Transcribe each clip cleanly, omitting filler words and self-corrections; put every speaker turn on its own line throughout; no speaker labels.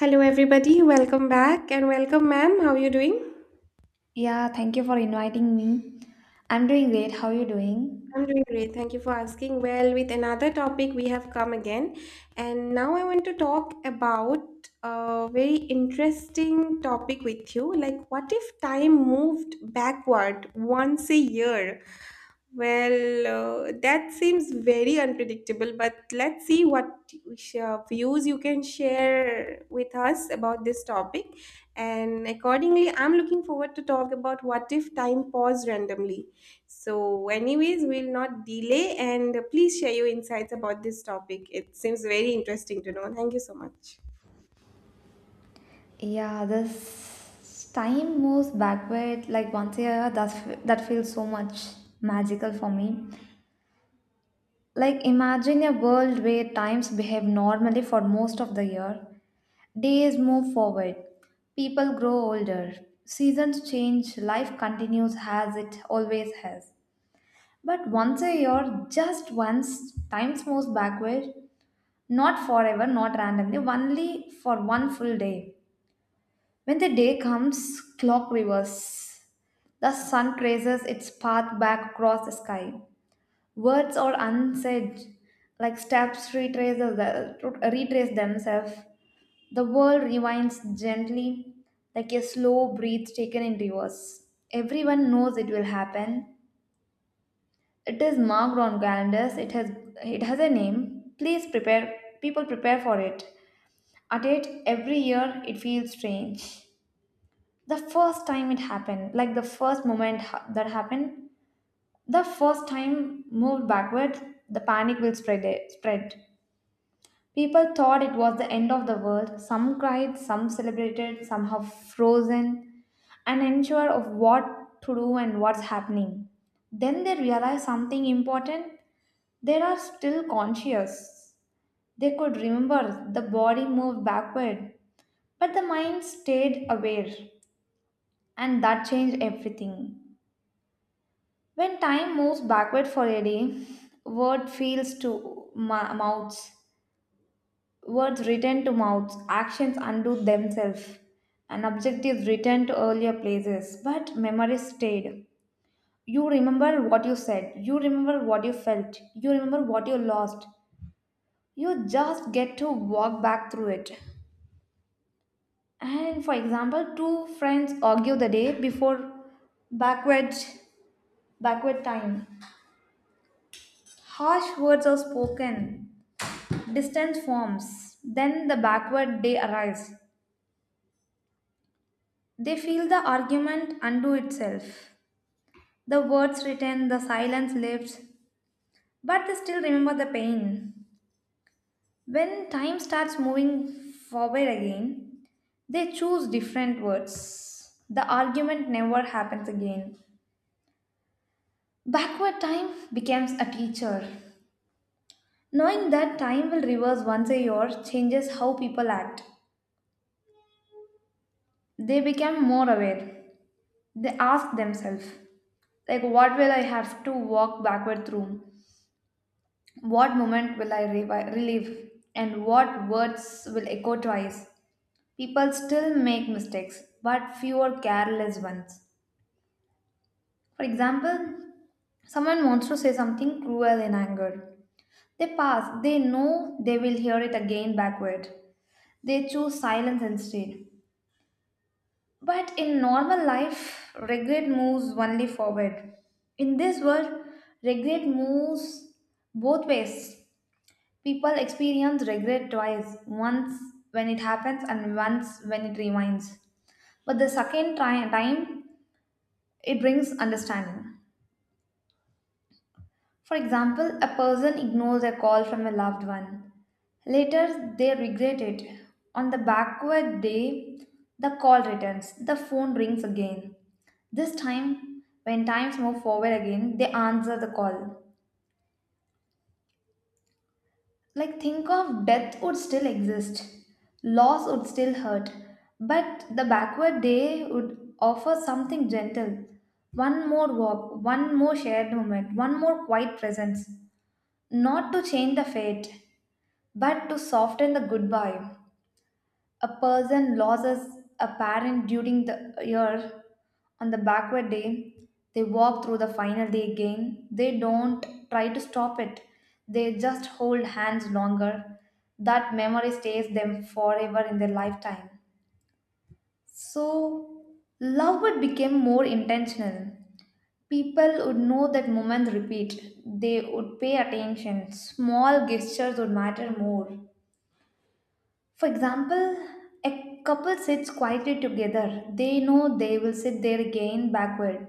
Hello, everybody. Welcome back and welcome, ma'am. How are you doing?
Yeah, thank you for inviting me. I'm doing great. How are you doing?
I'm doing great. Thank you for asking. Well, with another topic, we have come again. And now I want to talk about a very interesting topic with you. Like, what if time moved backward once a year? Well, that seems very unpredictable, but let's see what views you can share with us about this topic. And accordingly, I'm looking forward to talk about what if time paused randomly. So, anyways, we'll not delay and please share your insights about this topic. It seems very interesting to know. Thank you so much.
Yeah, this time moves backward like once a year. That feels so much magical for me. Like, imagine a world where times behave normally for most of the year. Days move forward, people grow older, seasons change, life continues as it always has. But once a year, just once, time moves backward. Not forever, not randomly, only for one full day. When the day comes, clock reverses. The sun traces its path back across the sky. Words are unsaid, like steps retrace themselves. The world rewinds gently, like a slow breath taken in reverse. Everyone knows it will happen. It is marked on calendars. It has a name. Please prepare people prepare for it. At it, every year it feels strange. The first time it happened, like the first moment that happened, the first time moved backward, the panic will spread. People thought it was the end of the world. Some cried, some celebrated, some have frozen, and unsure of what to do and what's happening. Then they realized something important. They are still conscious. They could remember the body moved backward. But the mind stayed aware, and that changed everything. When time moves backward for a day, word feels to ma- mouths, words return to mouths, actions undo themselves, and objectives return to earlier places. But memory stayed. You remember what you said, you remember what you felt, you remember what you lost. You just get to walk back through it. And for example, two friends argue the day before backwards backward time. Harsh words are spoken, distance forms, then the backward day arrives. They feel the argument undo itself. The words written, the silence lifts, but they still remember the pain. When time starts moving forward again, they choose different words. The argument never happens again. Backward time becomes a teacher. Knowing that time will reverse once a year changes how people act. They became more aware. They asked themselves, like, what will I have to walk backward through? What moment will I relive? And what words will echo twice? People still make mistakes, but fewer careless ones. For example, someone wants to say something cruel in anger. They pass, they know they will hear it again backward. They choose silence instead. But in normal life, regret moves only forward. In this world, regret moves both ways. People experience regret twice, once when it happens and once when it reminds. But the second time, it brings understanding. For example, a person ignores a call from a loved one. Later, they regret it. On the backward day, the call returns. The phone rings again. This time, when times move forward again, they answer the call. Like, think of death would still exist, loss would still hurt, but the backward day would offer something gentle. One more walk, one more shared moment, one more quiet presence. Not to change the fate, but to soften the goodbye, a person loses a parent during the year on the backward day. They walk through the final day again. They don't try to stop it, they just hold hands longer. That memory stays them forever in their lifetime. So, love would become more intentional. People would know that moments repeat. They would pay attention. Small gestures would matter more. For example, a couple sits quietly together. They know they will sit there again backward.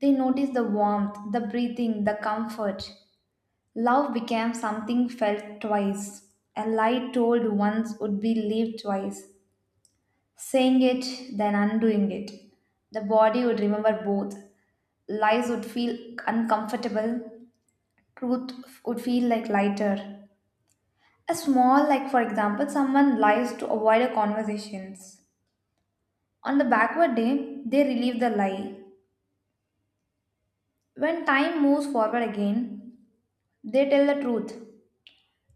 They notice the warmth, the breathing, the comfort. Love became something felt twice. A lie told once would be lived twice. Saying it, then undoing it. The body would remember both. Lies would feel uncomfortable. Truth would feel like lighter. A small, like for example, someone lies to avoid a conversations. On the backward day, they relieve the lie. When time moves forward again, they tell the truth.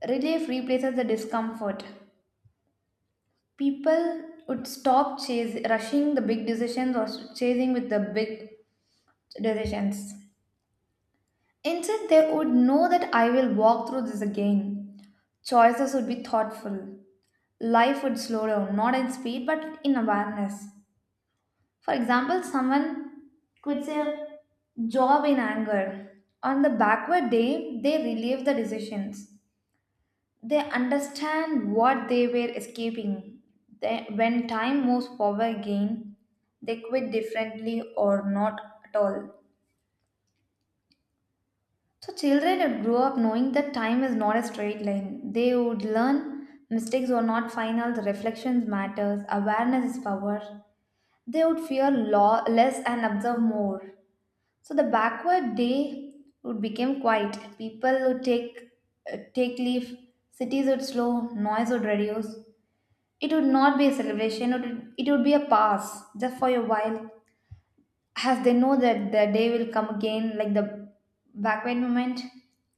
Relief replaces the discomfort. People would rushing the big decisions or chasing with the big decisions. Instead, they would know that I will walk through this again. Choices would be thoughtful. Life would slow down, not in speed but in awareness. For example, someone quits a job in anger. On the backward day, they relieve the decisions. They understand what they were escaping. When time moves forward again, they quit differently or not at all. So, children would grow up knowing that time is not a straight line. They would learn mistakes are not final, the reflections matters, awareness is power. They would fear law less and observe more. So the backward day would become quiet. People would take take leave. Cities would slow. Noise would reduce. It would not be a celebration. It would be a pass just for a while, as they know that the day will come again. Like the backward moment,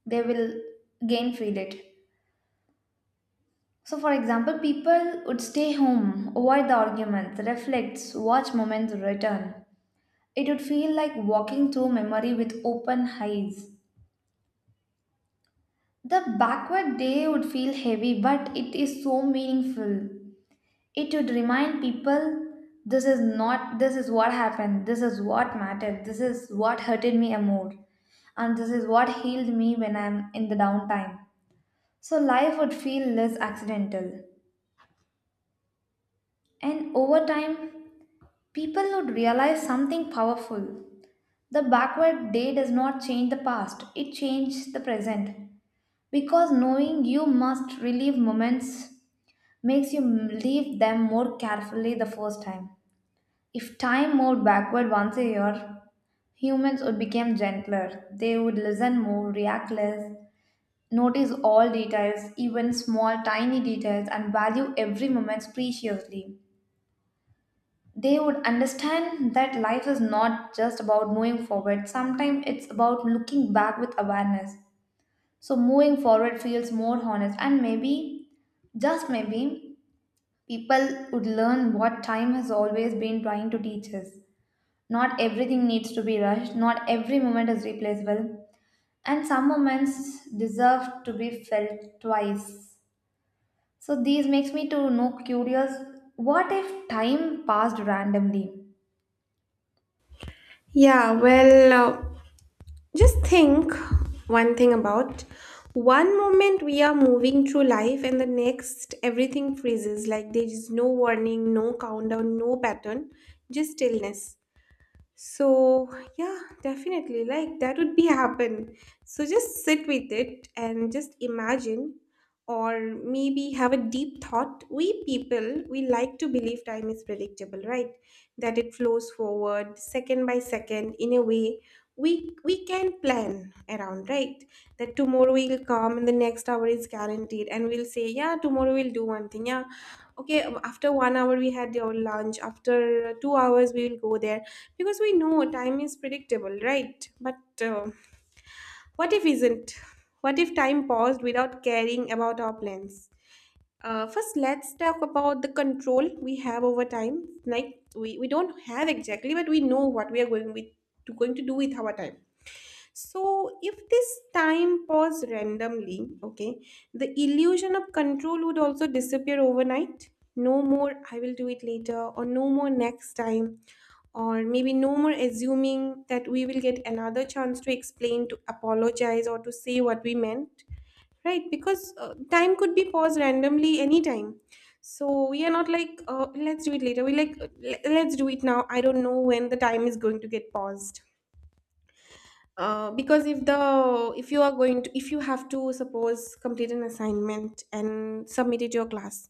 they will again feel it. So, for example, people would stay home, avoid the arguments, reflect, watch moments return. It would feel like walking through memory with open eyes. The backward day would feel heavy, but it is so meaningful. It would remind people this is not, this is what happened, this is what mattered, this is what hurted me a more, and this is what healed me when I'm in the downtime. So life would feel less accidental. And over time, people would realize something powerful. The backward day does not change the past, it changes the present. Because knowing you must relive moments makes you leave them more carefully the first time. If time moved backward once a year, humans would become gentler. They would listen more, react less, notice all details, even small tiny details, and value every moment preciously. They would understand that life is not just about moving forward, sometimes it's about looking back with awareness. So, moving forward feels more honest, and maybe, just maybe, people would learn what time has always been trying to teach us. Not everything needs to be rushed, not every moment is replaceable, and some moments deserve to be felt twice. So these makes me to know curious, what if time passed randomly?
Yeah, well, just think one thing about one moment we are moving through life, and the next everything freezes like there is no warning, no countdown, no pattern, just stillness. So, yeah, definitely. Like that would be happen. So just sit with it and just imagine or maybe have a deep thought. We people, we like to believe time is predictable, right? That it flows forward second by second in a way we can plan around, right? That tomorrow will come and the next hour is guaranteed and we'll say, yeah, tomorrow we'll do one thing. Yeah. Okay, after 1 hour we had our lunch. After 2 hours we will go there because we know time is predictable, right? But what if isn't? What if time paused without caring about our plans? First, let's talk about the control we have over time. Like we don't have exactly, but we know what we are going with to going to do with our time. So if this time pause randomly, okay, the illusion of control would also disappear overnight. No more, I will do it later, or no more next time or maybe no more assuming that we will get another chance to explain to apologize or to say what we meant, right? Because time could be paused randomly anytime, so we are not like, let's do it later. We like, let's do it now. I don't know when the time is going to get paused. Because if the if you are going to, if you have to suppose complete an assignment and submit it to your class,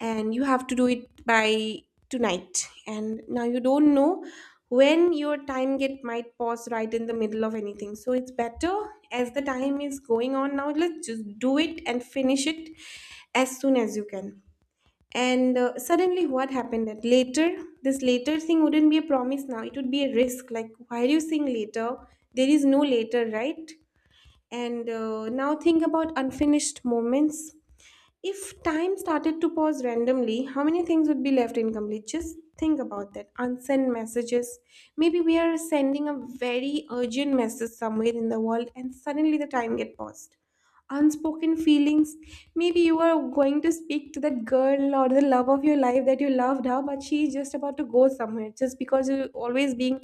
and you have to do it by tonight, and now you don't know when your time get might pause right in the middle of anything, so it's better, as the time is going on now, let's just do it and finish it as soon as you can. And suddenly, what happened that later, this later thing wouldn't be a promise now, it would be a risk. Like, why are you saying later? There is no later, right? And now, think about unfinished moments. If time started to pause randomly, how many things would be left incomplete? Just think about that. Unsent messages. Maybe we are sending a very urgent message somewhere in the world, and suddenly the time get paused. Unspoken feelings. Maybe you are going to speak to that girl or the love of your life that you loved her, but she's just about to go somewhere just because you're always being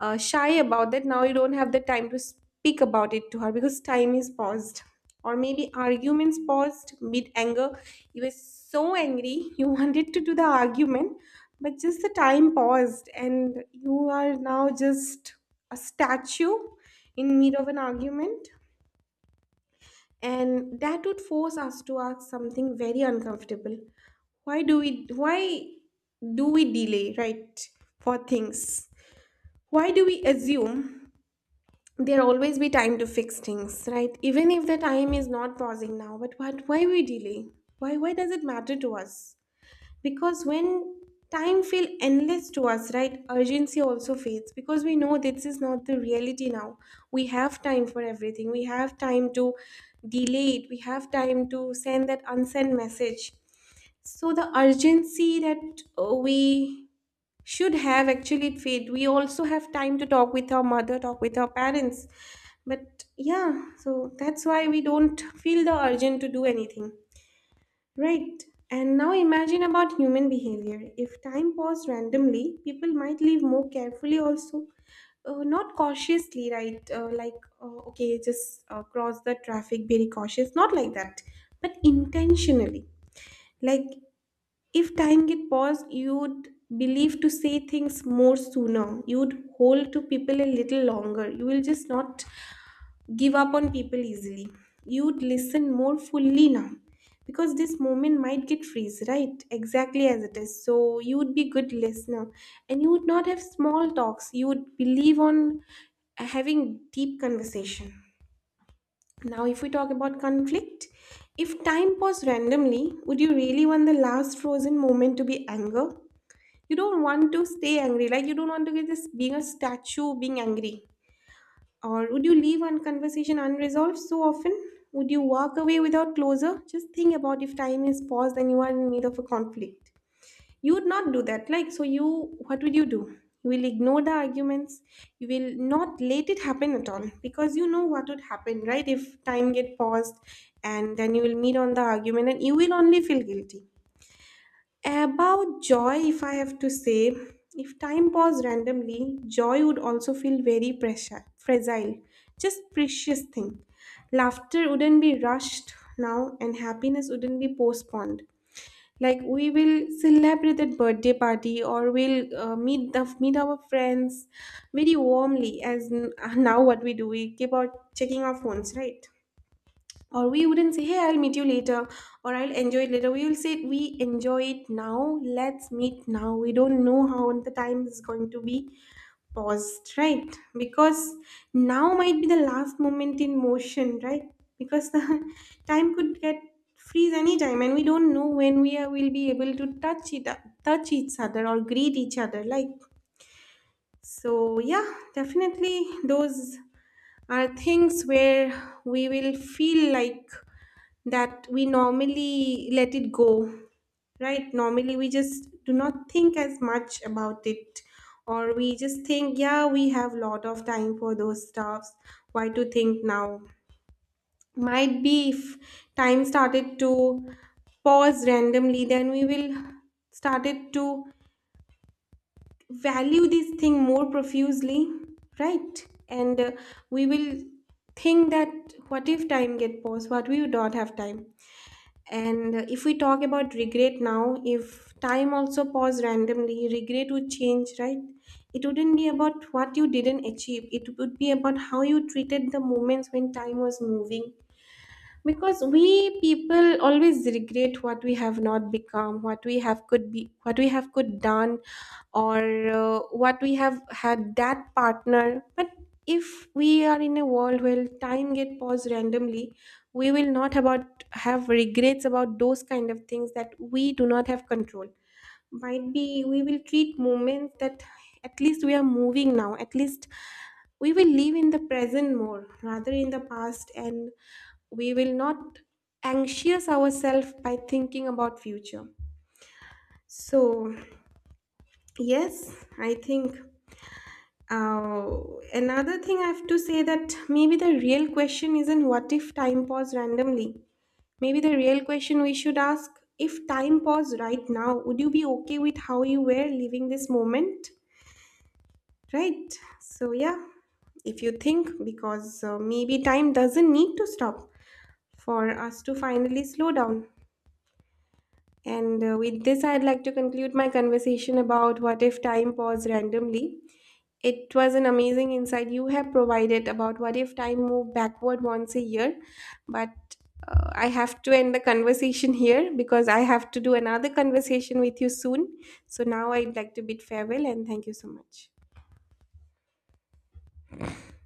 shy about that. Now you don't have the time to speak about it to her because time is paused. Or maybe arguments paused mid anger. You were so angry, you wanted to do the argument, but just the time paused, and you are now just a statue in mid of an argument. And that would force us to ask something very uncomfortable. Why do we delay, right, for things? Why do we assume there'll always be time to fix things, right? Even if the time is not pausing now, but what, why we delay? Why does it matter to us? Because when time feel endless to us, right, urgency also fades, because we know this is not the reality now. We have time for everything. We have time to delay it. We have time to send that unsent message. So the urgency that we should have actually, it fade. We also have time to talk with our mother, talk with our parents. But yeah, so that's why we don't feel the urgent to do anything. Right. And now imagine about human behavior. If time paused randomly, people might live more carefully also. Not cautiously, right? Like, okay, just cross the traffic, very cautious. Not like that, but intentionally. Like, if time get paused, you'd believe to say things more sooner. You'd hold to people a little longer. You will just not give up on people easily. You'd listen more fully now because this moment might get freeze, right? Exactly as it is. So you would be good listener, and you would not have small talks. You would believe on having deep conversation. Now, if we talk about conflict, if time paused randomly, would you really want the last frozen moment to be anger? You don't want to stay angry, like you don't want to get this being a statue being angry. Or would you leave one conversation unresolved so often? Would you walk away without closure? Just think about if time is paused and you are in need of a conflict. You would not do that. Like, so you, what would you do? You will ignore the arguments. You will not let it happen at all because you know what would happen, right? If time get paused and then you will meet on the argument and you will only feel guilty. About joy, if I have to say, if time paused randomly, joy would also feel very pressure, fragile, just precious thing. Laughter wouldn't be rushed now, and happiness wouldn't be postponed. Like we will celebrate that birthday party, or we'll meet the meet our friends very warmly. Now, what we do, we keep on checking our phones, right? Or we wouldn't say, hey, I'll meet you later or I'll enjoy it later. We will say we enjoy it now. Let's meet now. We don't know how the time is going to be paused, right? Because now might be the last moment in motion, right? Because the time could get freeze anytime, and we don't know when we will be able to touch it, touch each other or greet each other. Like, so yeah, definitely those are things where we will feel like that we normally let it go, right? Normally, we just do not think as much about it, or we just think, yeah, we have lot of time for those stuffs. Why to think now? Might be if time started to pause randomly, then we will started to value this thing more profusely, right? And we will think that what if time get paused? What we would not have time? And if we talk about regret now, if time also paused randomly, regret would change, right? It wouldn't be about what you didn't achieve, it would be about how you treated the moments when time was moving. Because we people always regret what we have not become, what we have could be, what we have could done, or what we have had that partner. But if we are in a world where time get paused randomly, we will not about have regrets about those kind of things that we do not have control. Might be we will treat moments that at least we are moving now, at least we will live in the present more rather in the past, and we will not anxious ourselves by thinking about future. So yes, I think, uh, another thing I have to say that maybe the real question isn't what if time paused randomly. Maybe the real question we should ask, if time paused right now, would you be okay with how you were living this moment? Right? So yeah, if you think, because maybe time doesn't need to stop for us to finally slow down. And with this, I'd like to conclude my conversation about what if time paused randomly. It was an amazing insight you have provided about what if time moved backward once a year. But I have to end the conversation here because I have to do another conversation with you soon. So now I'd like to bid farewell and thank you so much.